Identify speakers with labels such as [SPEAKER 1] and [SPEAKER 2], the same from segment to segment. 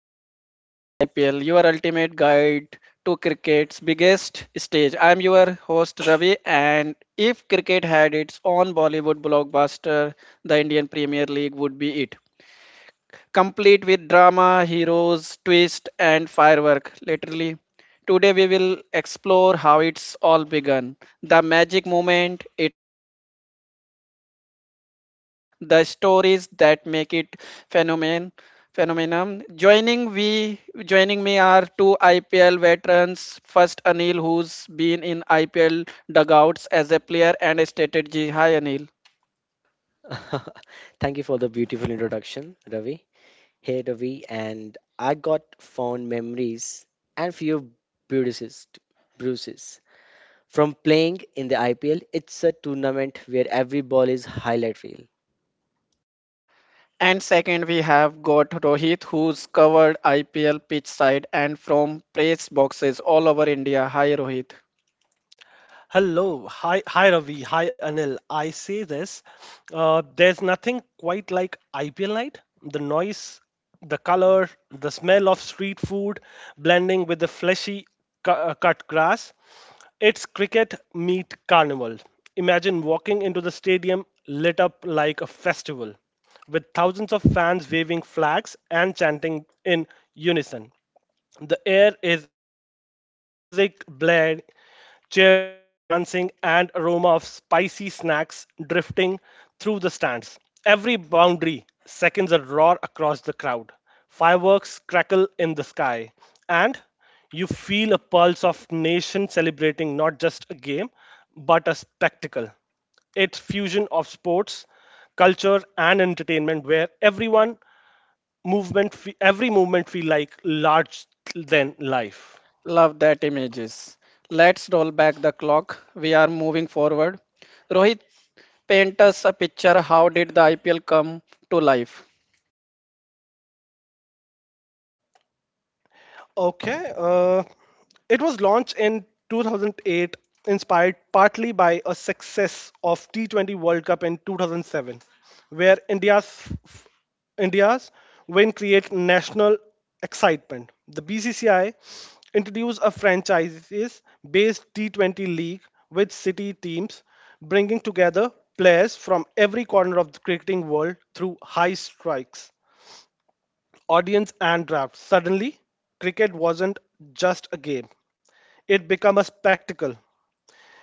[SPEAKER 1] to Inside the IPL, your ultimate guide to cricket's biggest stage. I'm your host Ravi, and if cricket had its own Bollywood blockbuster, the Indian Premier League would be it, complete with drama, heroes, twist, and firework. Literally, today we will explore how it's all begun, the magic moment, its impact on the game, and the stories that make it phenomenon. Phenomenon. Joining me are two IPL veterans. First, Anil, who's been in IPL dugouts as a player and a strategy. Hi, Anil.
[SPEAKER 2] Thank you for the beautiful introduction, Ravi. Hey, Ravi, and I got fond memories and few bruises, bruises from playing in the IPL. It's a tournament where every ball is highlight reel.
[SPEAKER 1] And second, we have got Rohit, who's covered IPL pitch side and from press boxes all over India. Hi, Rohit.
[SPEAKER 3] Hello, hi Ravi, hi Anil. I say this, there's nothing quite like IPL night. The noise, the color, the smell of street food blending with the fleshy cut grass. It's cricket meet carnival. Imagine walking into the stadium lit up like a festival, with thousands of fans waving flags and chanting in unison. The air is electric. Music, bled, cheerleaders dancing, and aroma of spicy snacks drifting through the stands. Every boundary seconds a roar across the crowd. Fireworks crackle in the sky, and you feel a pulse of nation celebrating not just a game, but a spectacle. It's fusion of sports, culture, and entertainment where everyone every movement feel like large than life.
[SPEAKER 1] Love that images. Let's roll back the clock. We are moving forward. Rohit, paint us a picture. How did the IPL come to life?
[SPEAKER 3] Okay. It was launched in 2008, inspired partly by a success of T20 World Cup in 2007, where India's win create national excitement. The BCCI introduced a franchises-based T20 league with city teams, bringing together players from every corner of the cricketing world through high strikes audience and draft. Suddenly, cricket wasn't just a game, it became a spectacle.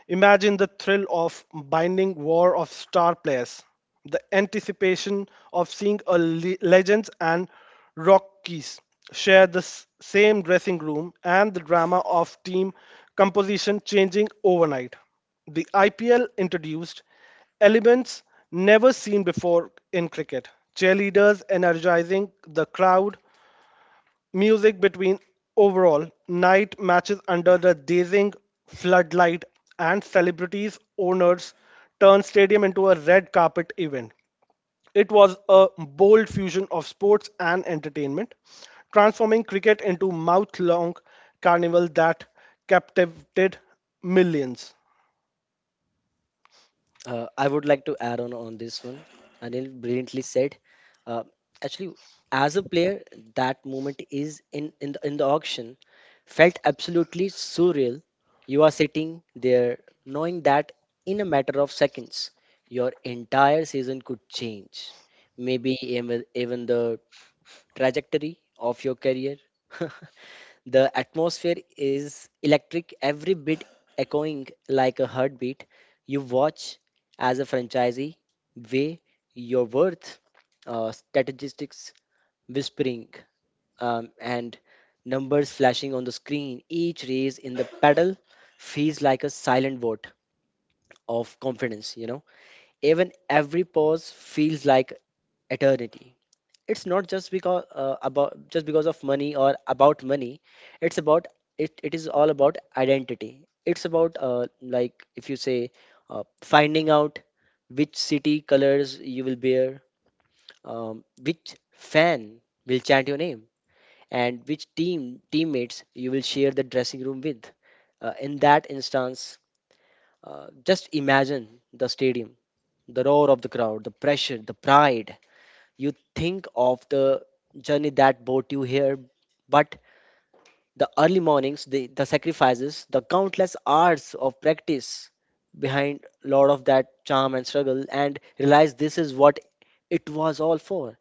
[SPEAKER 3] Imagine the thrill of binding war of star players, the anticipation of seeing legends and Rockies share the same dressing room, and the drama of team composition changing overnight. The IPL introduced elements never seen before in cricket: cheerleaders energizing the crowd, music between overall night matches under the dazing floodlight, and celebrities' owners turn stadium into a red carpet event. It was a bold fusion of sports and entertainment, transforming cricket into mouth long carnival that captivated millions.
[SPEAKER 2] I would like to add on this one. Anil brilliantly said. Uh, Actually, as a player, that moment is in the auction felt absolutely surreal. You are sitting there knowing that in a matter of seconds, your entire season could change. Maybe even the trajectory of your career. The atmosphere is electric, every bit echoing like a heartbeat. You watch as a franchisee weigh your worth, statistics whispering, and numbers flashing on the screen. Each raise in the pedal feels like a silent vote of confidence, you know. Even every pause feels like eternity. It's not just because about, just because of money or about money, it's about it is all about identity. It's about like if you say finding out which city colors you will bear, which fan will chant your name, and which teammates you will share the dressing room with. In that instance, just imagine the stadium, the roar of the crowd, the pressure, the pride. You think of the journey that brought you here, but the early mornings, the sacrifices, the countless hours of practice behind a lot of that charm and struggle, and realize this is what it was all for.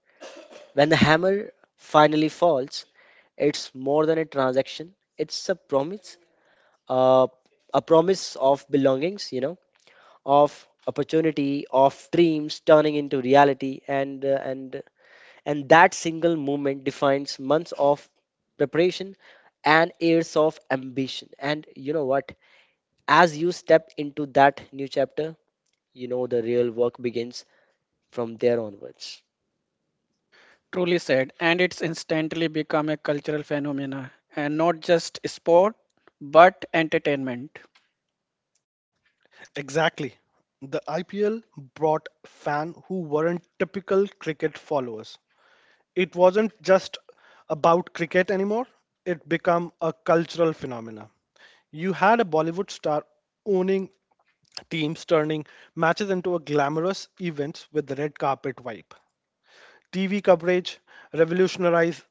[SPEAKER 2] When the hammer finally falls, it's more than a transaction, it's uh, a promise of belongings, you know, of opportunity, of dreams turning into reality. And that single moment defines months of preparation and years of ambition. And you know what, as you step into that new chapter, you know the real work begins from there onwards.
[SPEAKER 1] Truly said, and it's instantly become a cultural phenomena, and not just sport, but entertainment.
[SPEAKER 3] Exactly. The IPL brought fans who weren't typical cricket followers. It wasn't just about cricket anymore, it became a cultural phenomenon. You had a Bollywood star owning teams, turning matches into a glamorous events with the red carpet vibe. TV coverage revolutionized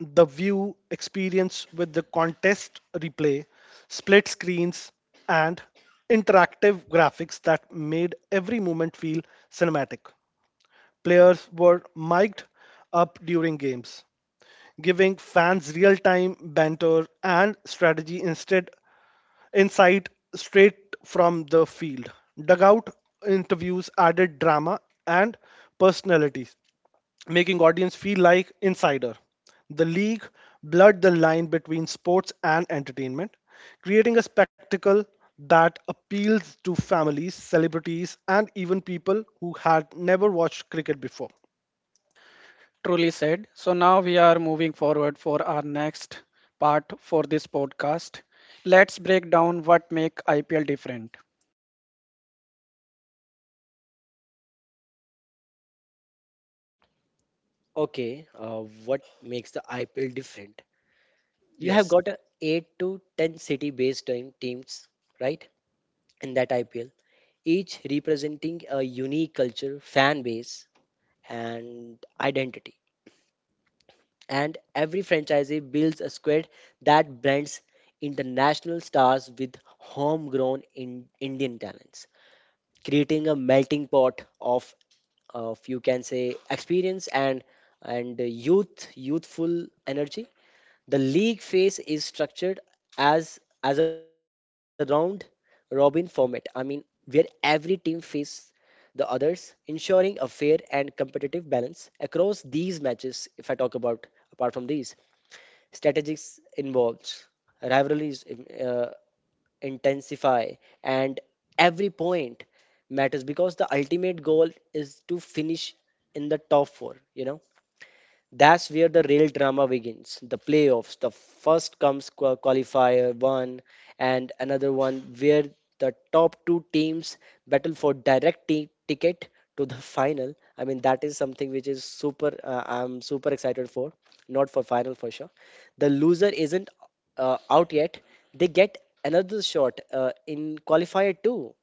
[SPEAKER 3] the view experience with the contest replay, split screens, and interactive graphics that made every moment feel cinematic. Players were mic'd up during games, giving fans real time banter and strategy instead insight straight from the field. Dugout interviews added drama and personalities, making audience feel like insider. The league blurred the line between sports and entertainment, creating a spectacle that appeals to families, celebrities, and even people who had never watched cricket before.
[SPEAKER 1] Truly said. So now we are moving forward for our next part for this podcast. Let's break down what make IPL different.
[SPEAKER 2] Okay. What makes the IPL different? You have
[SPEAKER 1] Yes.
[SPEAKER 2] got a 8 to 10 city based teams, right, in that IPL, each representing a unique culture, fan base, and identity. And every franchisee builds a squad that blends international stars with homegrown in Indian talents, creating a melting pot of you can say experience and youthful energy. The league phase is structured as a round robin format. I mean, where every team faces the others, ensuring a fair and competitive balance across these matches. If I talk about apart from these. Strategies involves rivalries intensify, and every point matters because the ultimate goal is to finish in the top four, you know. That's where the real drama begins. The playoffs. The first comes qualifier one and another one where the top two teams battle for direct ticket to the final. I mean that is something which is super I'm super excited for. Not for final for sure. The loser isn't out yet. They get another shot in qualifier two.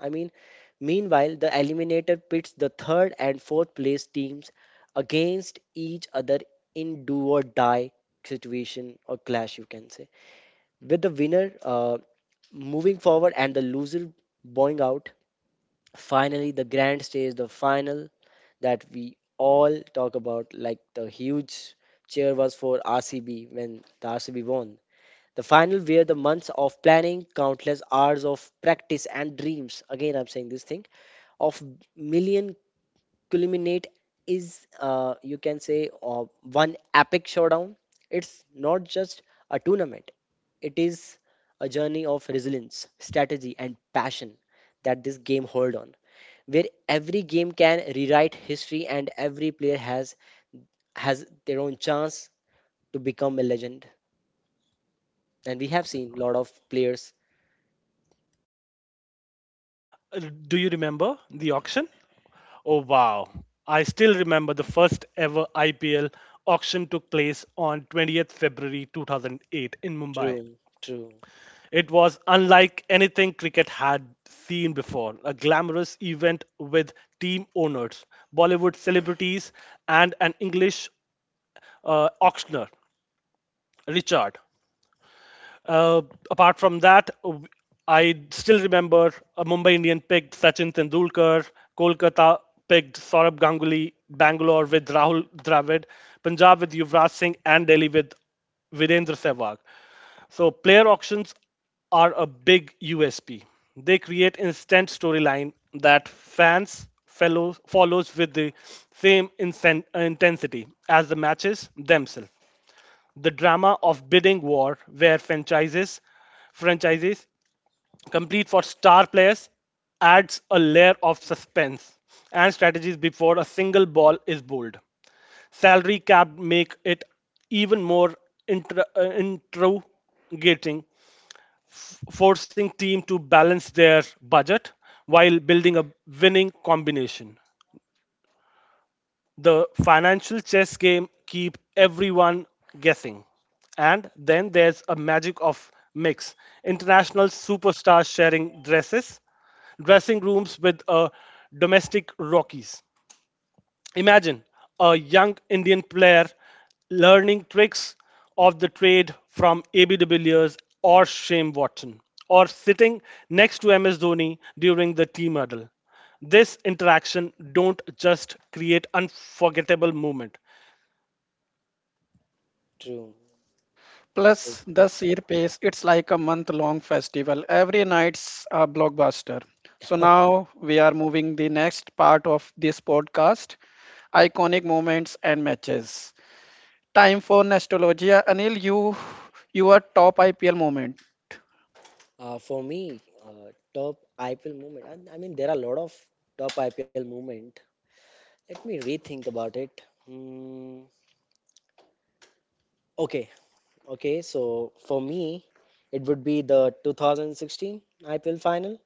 [SPEAKER 2] I mean, meanwhile, the eliminator pits the third and fourth place teams against each other in do or die situation or clash, you can say. With the winner moving forward and the loser bowing out, finally, the grand stage, the final that we all talk about, like the huge cheer was for RCB when the RCB won. The final where the months of planning, countless hours of practice and dreams, again I'm saying this thing, of million culminate is you can say one epic showdown. It's not just a tournament. It is a journey of resilience, strategy and passion that this game hold on. Where every game can rewrite history and every player has their own chance to become a legend. And we have seen a lot of players.
[SPEAKER 3] Uh, Do you remember the auction? Oh, wow. I still remember the first ever IPL auction took place on 20th February 2008 in Mumbai.
[SPEAKER 2] True, true,
[SPEAKER 3] It was unlike anything cricket had seen before a glamorous event with team owners, Bollywood celebrities, and an English auctioneer, Richard. Uh, apart from that, I still remember a Mumbai Indian picked Sachin Tendulkar, Kolkata picked Saurabh Ganguly, Bangalore with Rahul Dravid, Punjab with Yuvraj Singh, and Delhi with Virendra Sehwag. So player auctions are a big USP. They create instant storyline that fans fellows follows with the same intensity as the matches themselves. The drama of bidding war where franchises complete for star players adds a layer of suspense and strategies before a single ball is bowled. Salary cap make it even more interrogating, forcing team to balance their budget while building a winning combination. The financial chess game keep everyone guessing. And then there's a magic of mix. International superstars sharing dressing rooms with domestic rockies. Imagine a young Indian player learning tricks of the trade from AB de Villiers or Shane Watson, or sitting next to MS Dhoni during the team huddle. This interaction don't just create unforgettable moment.
[SPEAKER 2] true. So
[SPEAKER 1] Plus the sheer pace, it's like a month-long festival. Every night's a blockbuster. So now we are moving the next part of this podcast, iconic moments and matches. Time for nostalgia. Anil, you your top IPL moment.
[SPEAKER 2] for me, top IPL moment. And I mean, there are a lot of top IPL moment. Let me rethink about it. Hmm. Okay, okay. So for me, it would be the 2016 IPL final.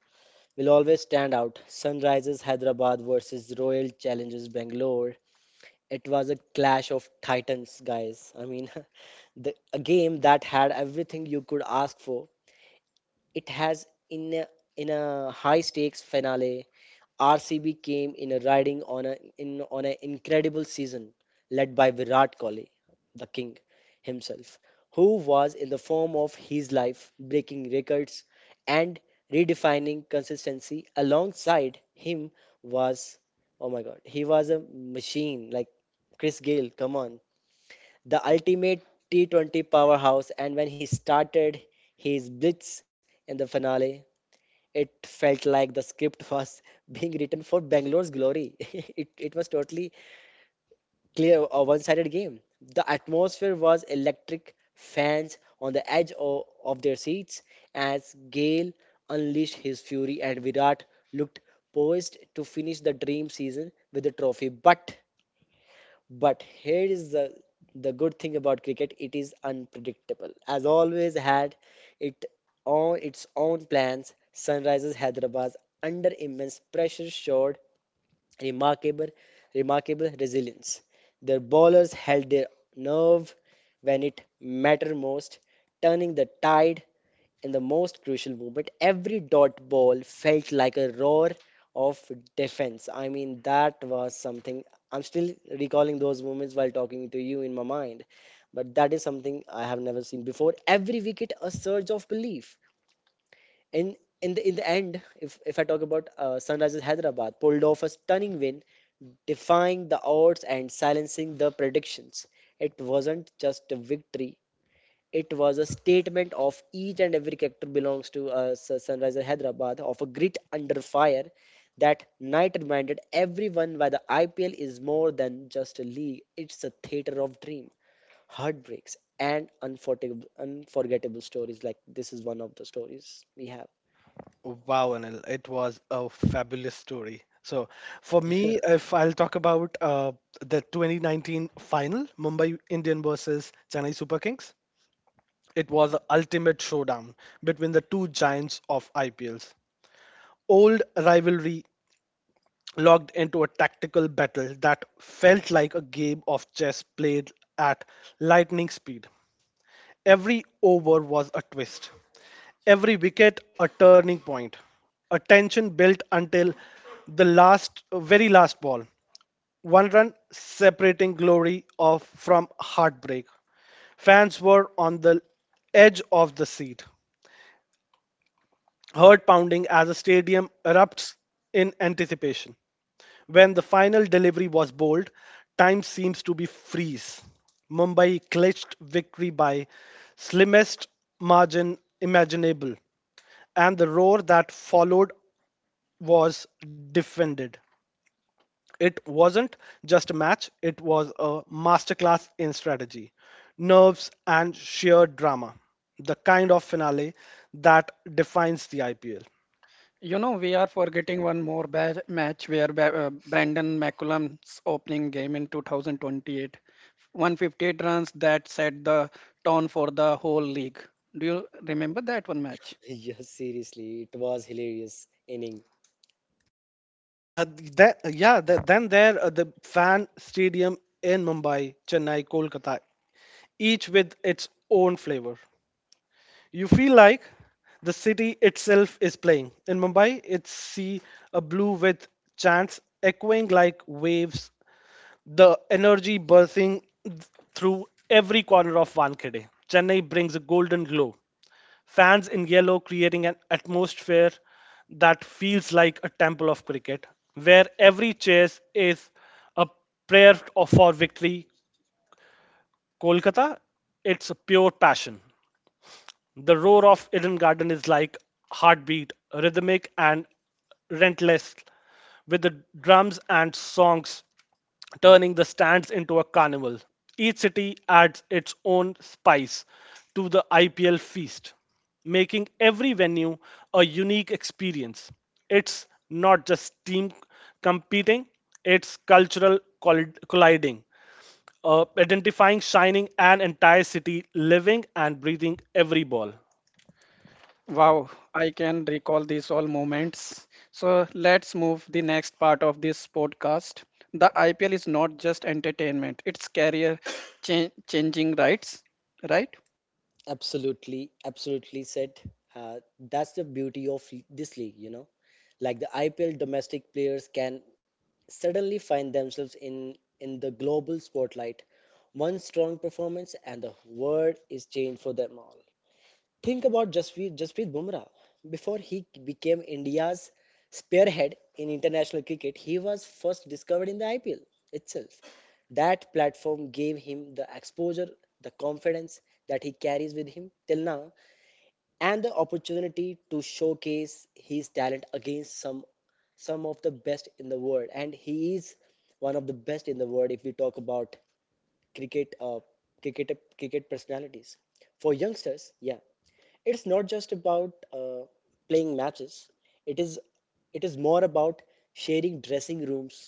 [SPEAKER 2] Will always stand out. Sunrisers Hyderabad versus Royal Challengers Bangalore. It was a clash of titans, guys. I mean, a game that had everything you could ask for. It has in a high stakes finale. RCB came in a riding on a in on an incredible season led by Virat Kohli, the king himself, who was in the form of his life, breaking records and redefining consistency. Alongside him was, oh my god, he was a machine like Chris Gale. Come on, the ultimate T20 powerhouse, and when he started his blitz in the finale, it felt like the script was being written for Bangalore's glory. It was totally clear, a one sided game. The atmosphere was electric, fans on the edge of their seats as Gale unleashed his fury and Virat looked poised to finish the dream season with a trophy. But here is the good thing about cricket, it is unpredictable. As always had it on its own plans, Sunrisers Hyderabad under immense pressure showed remarkable remarkable resilience. Their bowlers held their nerve when it mattered most, turning the tide in the most crucial moment, every dot ball felt like a roar of defense. I mean, that was something. I'm still recalling those moments while talking to you in my mind. But that is something I have never seen before. Every wicket, a surge of belief. In in the end, if I talk about Sunrisers Hyderabad, pulled off a stunning win, defying the odds and silencing the predictions. It wasn't just a victory; it was a statement of each and every character belongs to Sunrisers Hyderabad of a grit under fire. That night reminded everyone why the IPL is more than just a league. It's a theater of dream, heartbreaks, and unforgettable stories. Like this is one of the stories we have.
[SPEAKER 3] Wow, Anil, it was a fabulous story. So, for me, if I'll talk about the 2019 final, Mumbai Indian versus Chennai Super Kings, it was the ultimate showdown between the two giants of IPLs. Old rivalry logged into a tactical battle that felt like a game of chess played at lightning speed. Every over was a twist, every wicket a turning point, a tension built until the last, very last ball. One run separating glory of from heartbreak. Fans were on the edge of the seat, heart pounding as a stadium erupts in anticipation. When the final delivery was bowled, time seems to be freeze. Mumbai clinched victory by slimmest margin imaginable, and the roar that followed was defended. It wasn't just a match, it was a masterclass in strategy, nerves, and sheer drama. The kind of finale that defines the IPL.
[SPEAKER 1] You know, we are forgetting one more bad match where Brandon McCullum's opening game in 2028, 158 runs that set the tone for the whole league. Do you remember that one match?
[SPEAKER 2] Yes, seriously, it was hilarious inning.
[SPEAKER 3] Uh, that, yeah, th then there the fan stadium in Mumbai, Chennai, Kolkata, each with its own flavor. You feel like the city itself is playing. In Mumbai, it's sea a blue with chants echoing like waves, the energy bursting through every corner of Wankhede. Chennai brings a golden glow. Fans in yellow creating an atmosphere that feels like a temple of cricket, where every chase is a for victory. Kolkata, it's a pure passion. The roar of Eden Garden is like heartbeat, rhythmic and relentless, with the drums and songs turning the stands into a carnival. Each city adds its own spice to the IPL feast, making every venue a unique experience. It's not just team competing, it's cultural colliding, identifying, shining an entire city, living and breathing every ball.
[SPEAKER 1] Wow, I can recall these all moments. So let's move the next part of this podcast. The IPL is not just entertainment; it's career changing rights, right?
[SPEAKER 2] Absolutely, absolutely said. That's the beauty of this league, you know. Like the IPL, domestic players can suddenly find themselves in the global spotlight. One strong performance and the world is changed for them all. Think about Jasprit Bumrah. Before he became India's spearhead in international cricket, he was first discovered in the IPL itself. That platform gave him the exposure, the confidence that he carries with him till now, and the opportunity to showcase his talent against some of the best in the world. And he is one of the best in the world if we talk about cricket, uh, cricket personalities. For youngsters, yeah, it's not just about playing matches, it is it is more about sharing dressing rooms,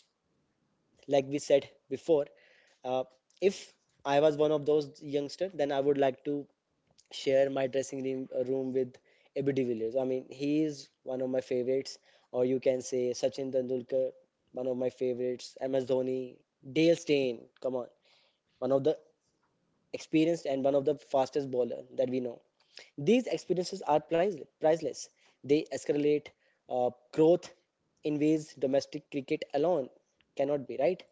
[SPEAKER 2] like we said before. uh, if I was one of those youngster, then I would like to share my dressing room with AB de Villiers. I mean he is one of my favorites, or you can say Sachin Tendulkar, one of my favorites, MS Dhoni, Dale Steyn, come on, one of the experienced and one of the fastest bowler that we know. These experiences are priceless. Priceless. They escalate growth in ways domestic cricket alone cannot be, right?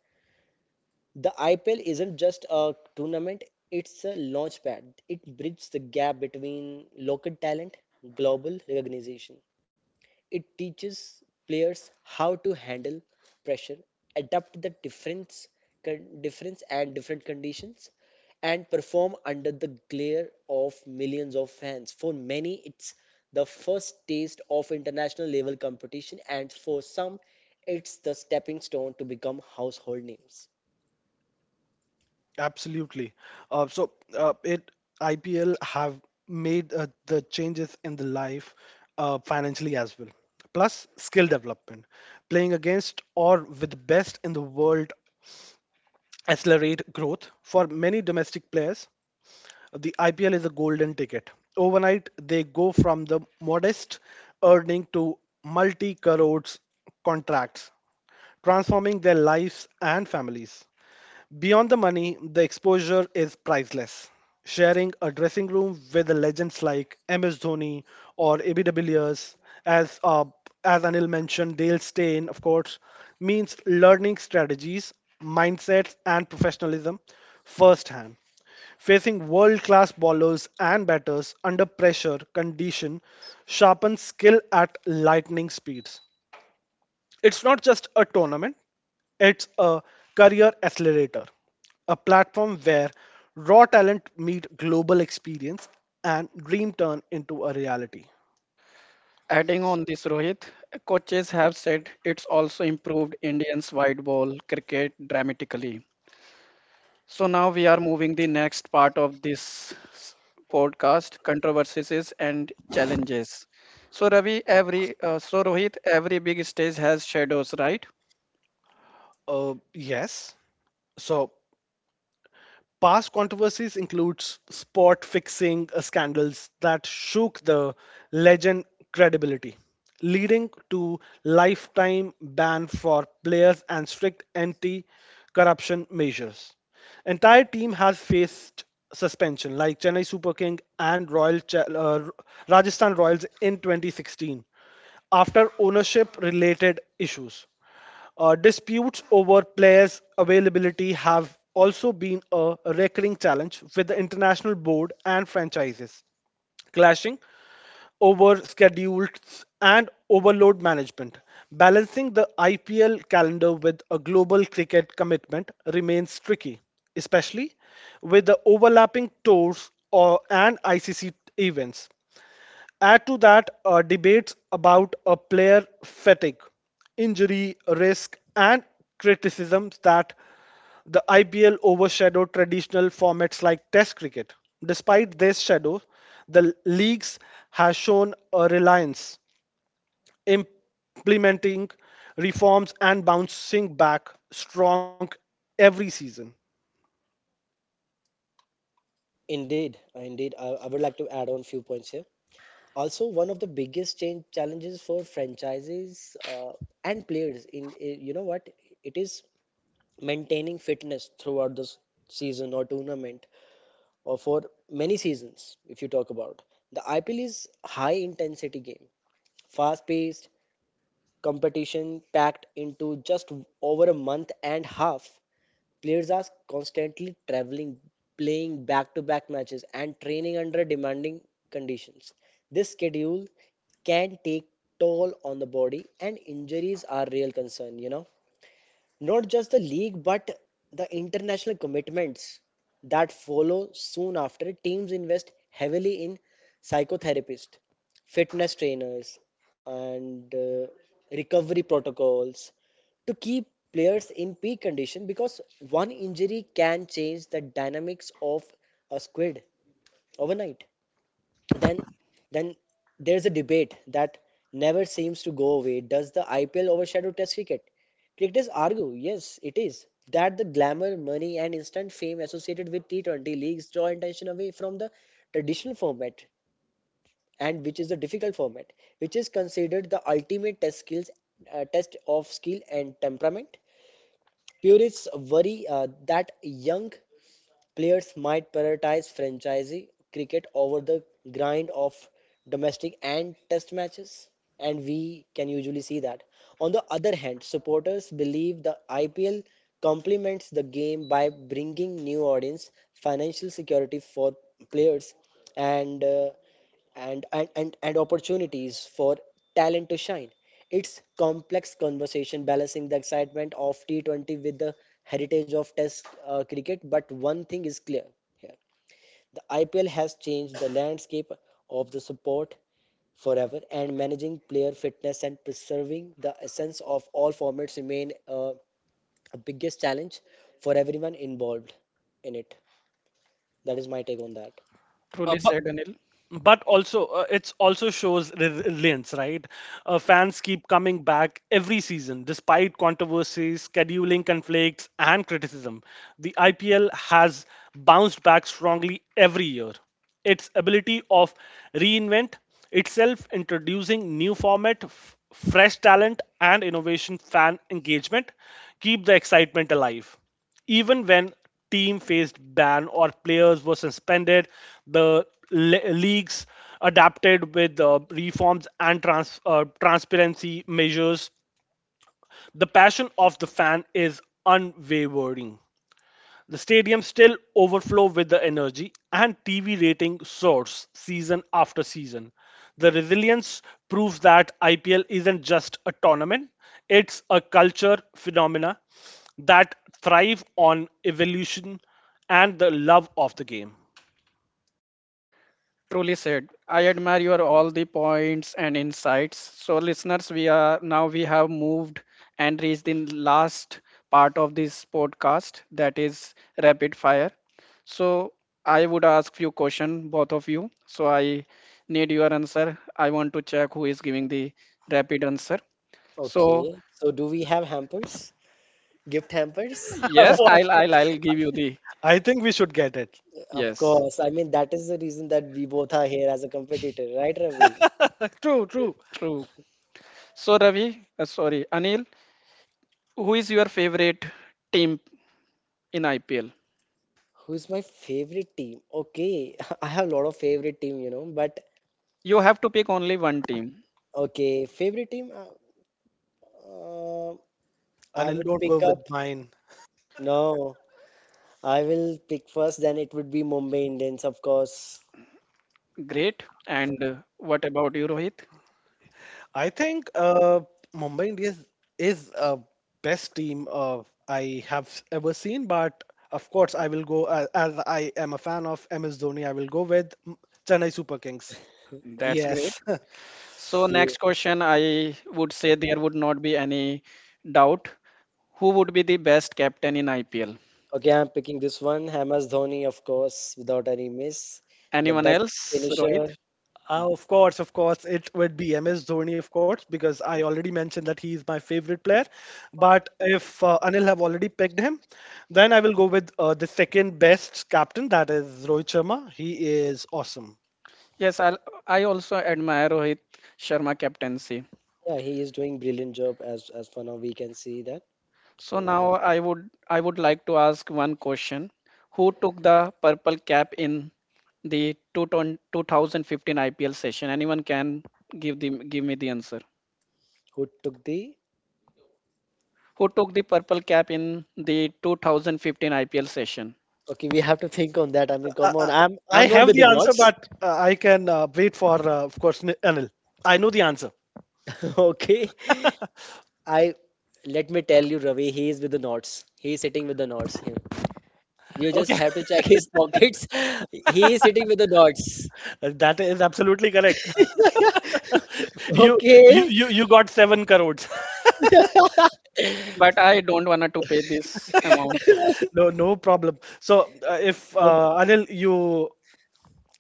[SPEAKER 2] The IPL isn't just a tournament, it's a launchpad. It bridges the gap between local talent, global recognition. It teaches players how to handle pressure, adapt the difference, con- difference and different conditions, and perform under the glare of millions of fans. For many, it's the first taste of international level competition, and for some, it's the stepping stone to become household names.
[SPEAKER 3] Absolutely. So it IPL have made the changes in the life financially as well. Plus skill development, playing against or with the best in the world accelerate growth for many domestic players. The IPL is a golden ticket. Overnight, they go from the modest earning to multi crores contracts, transforming their lives and families. Beyond the money, the exposure is priceless. Sharing a dressing room with the legends like MS Dhoni or AB de Villiers, as uh, as Anil mentioned, Dale Steyn, of course, means learning strategies mindsets, and professionalism firsthand. Facing world class bowlers and batters under pressure condition sharpens skill at lightning speeds. It's not just a tournament, it's a career accelerator, a platform where raw talent meet global experience and dream turn into a reality.
[SPEAKER 1] Adding on this, Rohit, coaches have said it's also improved Indians' wide ball cricket dramatically. So now we are moving the next part of this podcast, controversies and challenges. So Ravi, every so Rohit, every big stage has shadows, right?
[SPEAKER 3] Uh, yes. So past controversies includes sport fixing scandals that shook the legend credibility, leading to lifetime ban for players and strict anti-corruption measures. Entire team has faced suspension, like Chennai Super King and Rajasthan Royals in 2016, after ownership-related issues. Disputes over players' availability have also been a recurring challenge with the international board and franchises, clashing over schedules and overload management. Balancing the IPL calendar with a global cricket commitment remains tricky, especially with the overlapping tours or, and ICC events. Add to that debates about a player fatigue, injury risk, and criticisms that the IPL overshadowed traditional formats like Test cricket. Despite this shadow, the leagues has shown a reliance implementing reforms and bouncing back strong every season.
[SPEAKER 2] Indeed, indeed, I would like to add on few points here. Also, one of the biggest change challenges for franchises and players you know what it is, maintaining fitness throughout this season or tournament, or for many seasons if you talk about. The IPL is high intensity game, fast paced competition packed into just over a month and half. Players are constantly traveling, playing back to back matches, and training under demanding conditions. This schedule can take toll on the body, and injuries are real concern, you know. Not just the league, but the international commitments that follow soon after. Teams invest heavily in psychotherapists, fitness trainers, and recovery protocols to keep players in peak condition because one injury can change the dynamics of a squid overnight. Then then there's a debate that never seems to go away. Does the IPL overshadow Test cricket? Cricketers argue, yes, it is. That the glamour, money, and instant fame associated with T20 leagues draw attention away from the traditional format, and which is the difficult format, which is considered the ultimate test skills, test of skill and temperament. Purists worry that young Players might prioritize franchisee cricket over the grind of domestic and test matches, and we can usually see that. On the other hand, supporters believe the IPL complements the game by bringing new audience, financial security for players, and uh, and opportunities for talent to shine. It's complex conversation balancing the excitement of T20 with the heritage of Test cricket. But one thing is clear here: the IPL has changed the landscape of the sport forever, and managing player fitness and preserving the essence of all formats remain a biggest challenge for everyone involved in it. That is my take on that.
[SPEAKER 3] Uh,
[SPEAKER 1] Truly
[SPEAKER 3] but,
[SPEAKER 1] said, Anil.
[SPEAKER 3] but also it's also shows resilience, right? Fans keep coming back every season despite controversies, scheduling conflicts and criticism. The IPL has bounced back strongly every year. Its ability of reinvent itself, introducing new format, fresh talent and innovation fan engagement keep the excitement alive even when team faced ban or players were suspended. The leagues adapted with reforms and transparency measures. The passion of the fan is unwavering. The stadium still overflow with the energy and TV rating soars season after season. The resilience proves that IPL isn't just a tournament, it's a culture phenomena that thrive on evolution and the love of the game.
[SPEAKER 1] Truly said. I admire your all the points and insights. So listeners, we are now we have moved and reached the last part of this podcast, that is rapid fire. So I would ask few question both of you. So I need your answer. I want to check who is giving the rapid answer. So
[SPEAKER 2] Okay, so do we have hampers? Gift hampers?
[SPEAKER 1] yes,
[SPEAKER 3] For-
[SPEAKER 1] I'll give you the
[SPEAKER 3] I think we should get it.
[SPEAKER 2] Of
[SPEAKER 1] yes.
[SPEAKER 2] course. I mean, that is the reason that we both are here as a competitor, right, Ravi?
[SPEAKER 3] True, true.
[SPEAKER 1] True. So Anil, who is your favorite team in IPL?
[SPEAKER 2] Who's my favorite team? Okay, I have a lot of favorite team, you know, but
[SPEAKER 1] You have to pick only one team.
[SPEAKER 2] okay, favorite team, uh, I
[SPEAKER 3] Anil,
[SPEAKER 2] would
[SPEAKER 3] don't go
[SPEAKER 2] pick up.
[SPEAKER 3] with mine.
[SPEAKER 2] No, I will pick first, then it would be Mumbai Indians, of course.
[SPEAKER 1] Great. And what about you, Rohit?
[SPEAKER 3] I think Mumbai Indians is a best team of I have ever seen, but of course I will go as I am a fan of MS Dhoni. I will go with Chennai Super Kings.
[SPEAKER 1] That's great.
[SPEAKER 3] Yes.
[SPEAKER 1] So,
[SPEAKER 2] Yeah.
[SPEAKER 1] next question, I would say there would not be any doubt. Who would be the best captain in IPL?
[SPEAKER 2] Okay, I'm picking this one. Hamas Dhoni, of course, without any miss. The
[SPEAKER 1] Anyone
[SPEAKER 2] best
[SPEAKER 1] else, Rohit?
[SPEAKER 2] finisher.
[SPEAKER 3] Of course, it would be MS Dhoni, of course, because I already mentioned that he is my favorite player. But if Anil have already picked him, then I will go with the second best captain, that is Rohit Sharma. He is awesome.
[SPEAKER 1] Yes, I also admire Rohit Sharma captaincy.
[SPEAKER 2] Yeah, he is doing brilliant job as for now we can see that.
[SPEAKER 1] So
[SPEAKER 2] So yeah.
[SPEAKER 1] now I would like to ask one question. Who took the purple cap in the 2015 IPL session? Anyone can give the give me the answer.
[SPEAKER 2] Who took the
[SPEAKER 1] Who took the purple cap in the 2015 IPL session?
[SPEAKER 2] okay, we have to think on that. I mean,
[SPEAKER 3] Uh,
[SPEAKER 2] come
[SPEAKER 3] uh,
[SPEAKER 2] on. I'm
[SPEAKER 3] I
[SPEAKER 2] I'm not
[SPEAKER 3] have
[SPEAKER 2] with
[SPEAKER 3] the
[SPEAKER 2] the
[SPEAKER 3] answer,
[SPEAKER 2] knots.
[SPEAKER 3] but I can wait for, of course, Anil. I know the answer.
[SPEAKER 2] Okay. I let me tell you, Ravi, he is with the knots. He is sitting with the knots. You just
[SPEAKER 3] Okay.
[SPEAKER 2] have to check his pockets. He is sitting with the knots.
[SPEAKER 3] That is absolutely correct. You you
[SPEAKER 2] Okay.
[SPEAKER 3] you, you got seven crores.
[SPEAKER 1] But I don't want to pay this amount.
[SPEAKER 3] No, no problem. So if
[SPEAKER 2] O-
[SPEAKER 3] Anil, you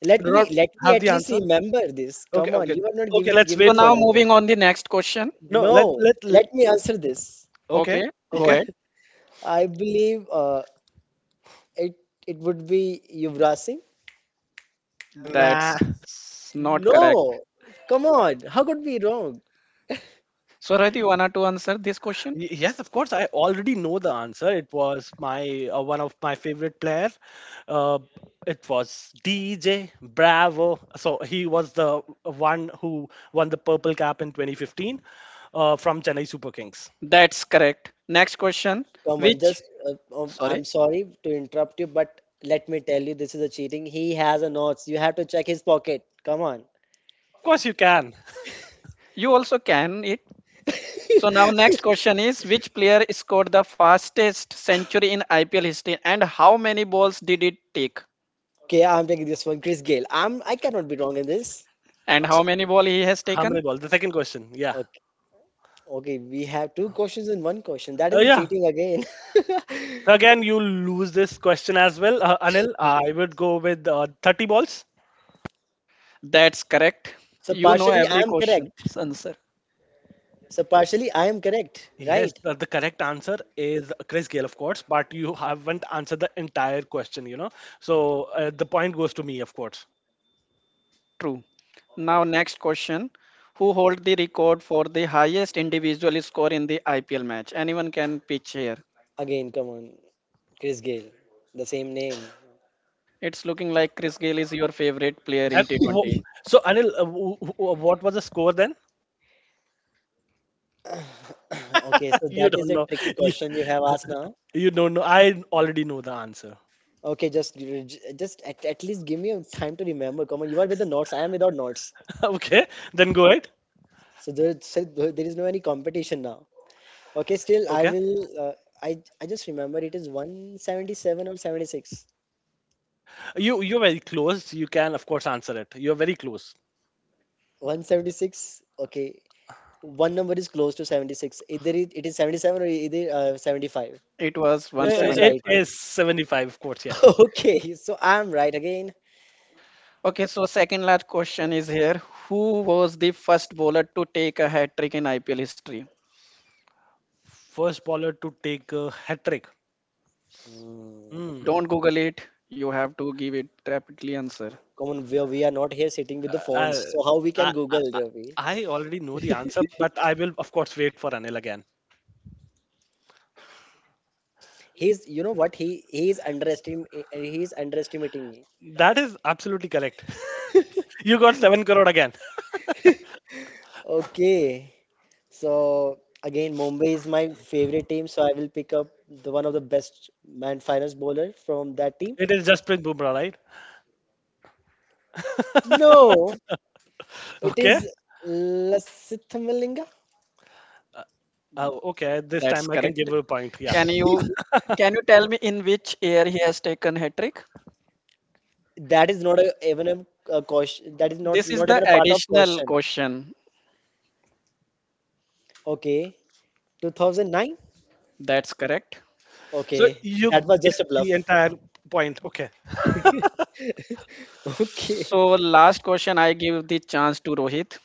[SPEAKER 2] Let
[SPEAKER 3] do not
[SPEAKER 2] me let me
[SPEAKER 3] have the
[SPEAKER 2] at least
[SPEAKER 3] answer.
[SPEAKER 2] remember this.
[SPEAKER 3] Okay
[SPEAKER 2] Come on,
[SPEAKER 3] okay
[SPEAKER 2] you are not
[SPEAKER 3] okay.
[SPEAKER 2] giving
[SPEAKER 3] Let's
[SPEAKER 1] So
[SPEAKER 2] giving
[SPEAKER 3] wait
[SPEAKER 2] me
[SPEAKER 3] for
[SPEAKER 1] now
[SPEAKER 3] you
[SPEAKER 2] a
[SPEAKER 3] then.
[SPEAKER 1] moving on the next question.
[SPEAKER 3] No, let
[SPEAKER 2] no.
[SPEAKER 3] let. let
[SPEAKER 2] Let me answer this.
[SPEAKER 3] okay,
[SPEAKER 1] Okay, go
[SPEAKER 3] okay.
[SPEAKER 1] ahead.
[SPEAKER 2] I believe it would be Yuvraj Singh.
[SPEAKER 1] That's
[SPEAKER 3] Nah.
[SPEAKER 1] not correct.
[SPEAKER 2] No, come on. How could we wrong?
[SPEAKER 1] So Rohit, you want to answer this question?
[SPEAKER 3] Yes, of course. I already know the answer. It was my one of my favorite player. Uh, it was DJ Bravo. So he was the one who won the purple cap in 2015 from Chennai Super Kings.
[SPEAKER 1] That's correct. Next question.
[SPEAKER 2] Come on,
[SPEAKER 1] Which?
[SPEAKER 2] just
[SPEAKER 1] Sorry,
[SPEAKER 2] I'm sorry to interrupt you, but let me tell you, this is a cheating. He has a notes. You have to check his pocket. Come on.
[SPEAKER 3] Of course, you can.
[SPEAKER 1] you also can it. So now next question is, which player scored the fastest century in IPL history and how many balls did it take,
[SPEAKER 2] Okay, I'm taking this one, Chris Gale. I cannot be wrong in this.
[SPEAKER 1] and
[SPEAKER 3] Uh,
[SPEAKER 1] how
[SPEAKER 3] so-
[SPEAKER 1] many ball he has
[SPEAKER 3] how
[SPEAKER 1] taken?
[SPEAKER 3] many balls? The second question. Yeah.
[SPEAKER 2] Okay, okay, we have two questions in one question. That is a
[SPEAKER 3] Yeah.
[SPEAKER 2] cheating again.
[SPEAKER 3] So again, you lose this question as well, Anil. I would go with 30 balls.
[SPEAKER 1] That's correct.
[SPEAKER 2] So
[SPEAKER 1] You know
[SPEAKER 2] partially I
[SPEAKER 1] every
[SPEAKER 2] am
[SPEAKER 1] question
[SPEAKER 2] correct.
[SPEAKER 1] answer.
[SPEAKER 2] So partially I am correct,
[SPEAKER 3] Yes,
[SPEAKER 2] right?
[SPEAKER 3] but the correct answer is Chris Gale, of course, but you haven't answered the entire question, you know. So the point goes to me, of course.
[SPEAKER 1] True. Now next question. Who hold the record for the highest individual score in the IPL match? Anyone can pitch here.
[SPEAKER 2] Again, come on, Chris Gale, the same name.
[SPEAKER 1] It's looking like Chris Gayle is your favorite player
[SPEAKER 3] And
[SPEAKER 1] in
[SPEAKER 3] w-
[SPEAKER 1] T20.
[SPEAKER 3] so, Anil, what was the score then?
[SPEAKER 2] Okay, so
[SPEAKER 3] You
[SPEAKER 2] that is
[SPEAKER 3] don't
[SPEAKER 2] a
[SPEAKER 3] know.
[SPEAKER 2] tricky
[SPEAKER 3] You,
[SPEAKER 2] question you have asked now.
[SPEAKER 3] you don't know. I already know the answer.
[SPEAKER 2] Okay, just at least give me time to remember. Come on, you are with the notes. I am without notes.
[SPEAKER 3] Okay, then go ahead.
[SPEAKER 2] So there is no any competition now. Okay,
[SPEAKER 3] Okay,
[SPEAKER 2] still I will. I just remember it is 177 or 76.
[SPEAKER 3] you you're very close. You can, of course, answer it. You're very close.
[SPEAKER 2] 176. Okay, one number is close to 76. Either it is 77 or either 75.
[SPEAKER 1] It was
[SPEAKER 2] Which one
[SPEAKER 3] Uh,
[SPEAKER 2] is
[SPEAKER 3] It
[SPEAKER 2] right?
[SPEAKER 1] 175.
[SPEAKER 3] is 75, of course. Yeah,
[SPEAKER 2] Okay, so I am right again.
[SPEAKER 1] Okay, so second last question is here. Who was the first bowler to take a hat trick in IPL history?
[SPEAKER 3] first bowler to take a hat trick.
[SPEAKER 2] Hmm.
[SPEAKER 3] Hmm.
[SPEAKER 1] Don't Google it. You have to give it rapidly answer.
[SPEAKER 2] Come on, we are not here sitting with the
[SPEAKER 3] Uh,
[SPEAKER 2] phones. So how we
[SPEAKER 3] I,
[SPEAKER 2] can
[SPEAKER 3] I,
[SPEAKER 2] Google,
[SPEAKER 3] I
[SPEAKER 2] Ravi?
[SPEAKER 3] I already know the answer, but I will, of course, wait for Anil again.
[SPEAKER 2] He's, you know what? He is underestim he is underestimating me.
[SPEAKER 3] That is absolutely correct. You got 7 crore again.
[SPEAKER 2] Okay, so again, Mumbai is my favorite team, so I will pick up the one of the best man finest bowler from that team.
[SPEAKER 3] It is Jasprit Bumrah, right?
[SPEAKER 2] No, it is
[SPEAKER 3] Okay.
[SPEAKER 2] Lasith Malinga.
[SPEAKER 3] Okay, this
[SPEAKER 1] That's
[SPEAKER 3] time I can
[SPEAKER 1] correct.
[SPEAKER 3] give you a point. Yeah.
[SPEAKER 1] Can you can you tell me in which year he has taken hat trick?
[SPEAKER 2] That is not a, even a question. That is not
[SPEAKER 1] This is
[SPEAKER 2] not
[SPEAKER 1] the
[SPEAKER 2] even a part of
[SPEAKER 1] additional
[SPEAKER 2] question.
[SPEAKER 1] question.
[SPEAKER 2] Okay, 2009.
[SPEAKER 1] That's correct.
[SPEAKER 3] So
[SPEAKER 2] Okay,
[SPEAKER 3] you
[SPEAKER 2] that was
[SPEAKER 3] get
[SPEAKER 2] just a bluff.
[SPEAKER 3] the entire point. Okay.
[SPEAKER 2] Okay,
[SPEAKER 1] So last question I give the chance to Rohit.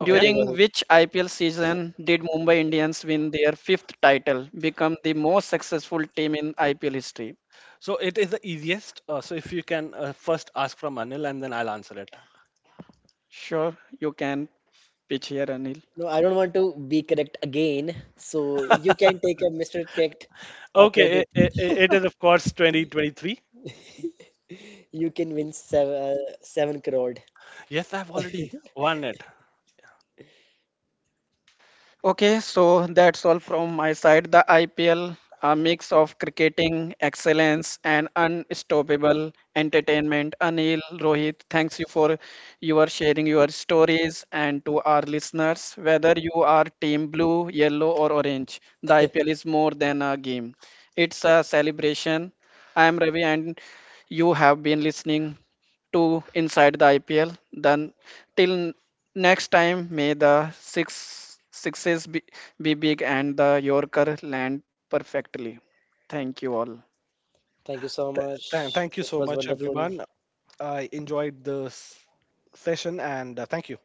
[SPEAKER 3] Okay.
[SPEAKER 2] okay,
[SPEAKER 1] During
[SPEAKER 2] Rohit.
[SPEAKER 1] which IPL season did Mumbai Indians win their fifth title, become the most successful team in IPL history?
[SPEAKER 3] So it is the easiest. So if you can first ask from Anil and then I'll answer it.
[SPEAKER 1] Sure, you can pitch here, Anil.
[SPEAKER 2] No, I don't want to be correct again. So you can take a Mr. Correct
[SPEAKER 3] Okay.
[SPEAKER 2] credit.
[SPEAKER 3] I it is, of course, 2023.
[SPEAKER 2] You can win 7 crore.
[SPEAKER 3] Yes, I've already won it.
[SPEAKER 1] Okay, so that's all from my side. The IPL, a mix of cricketing excellence and unstoppable entertainment. Anil, Rohit, thanks you for your sharing your stories, and to our listeners, whether you are team blue, yellow or orange, the IPL is more than a game. It's a celebration. I am Ravi and you have been listening to Inside the IPL. Then till next time, may the six sixes be big and the Yorker land perfectly. Thank you all.
[SPEAKER 2] Thank you so
[SPEAKER 3] Thank,
[SPEAKER 2] much.
[SPEAKER 3] thank you
[SPEAKER 2] It
[SPEAKER 3] so
[SPEAKER 2] was
[SPEAKER 3] much,
[SPEAKER 2] wonderful.
[SPEAKER 3] everyone. I enjoyed this session and thank you.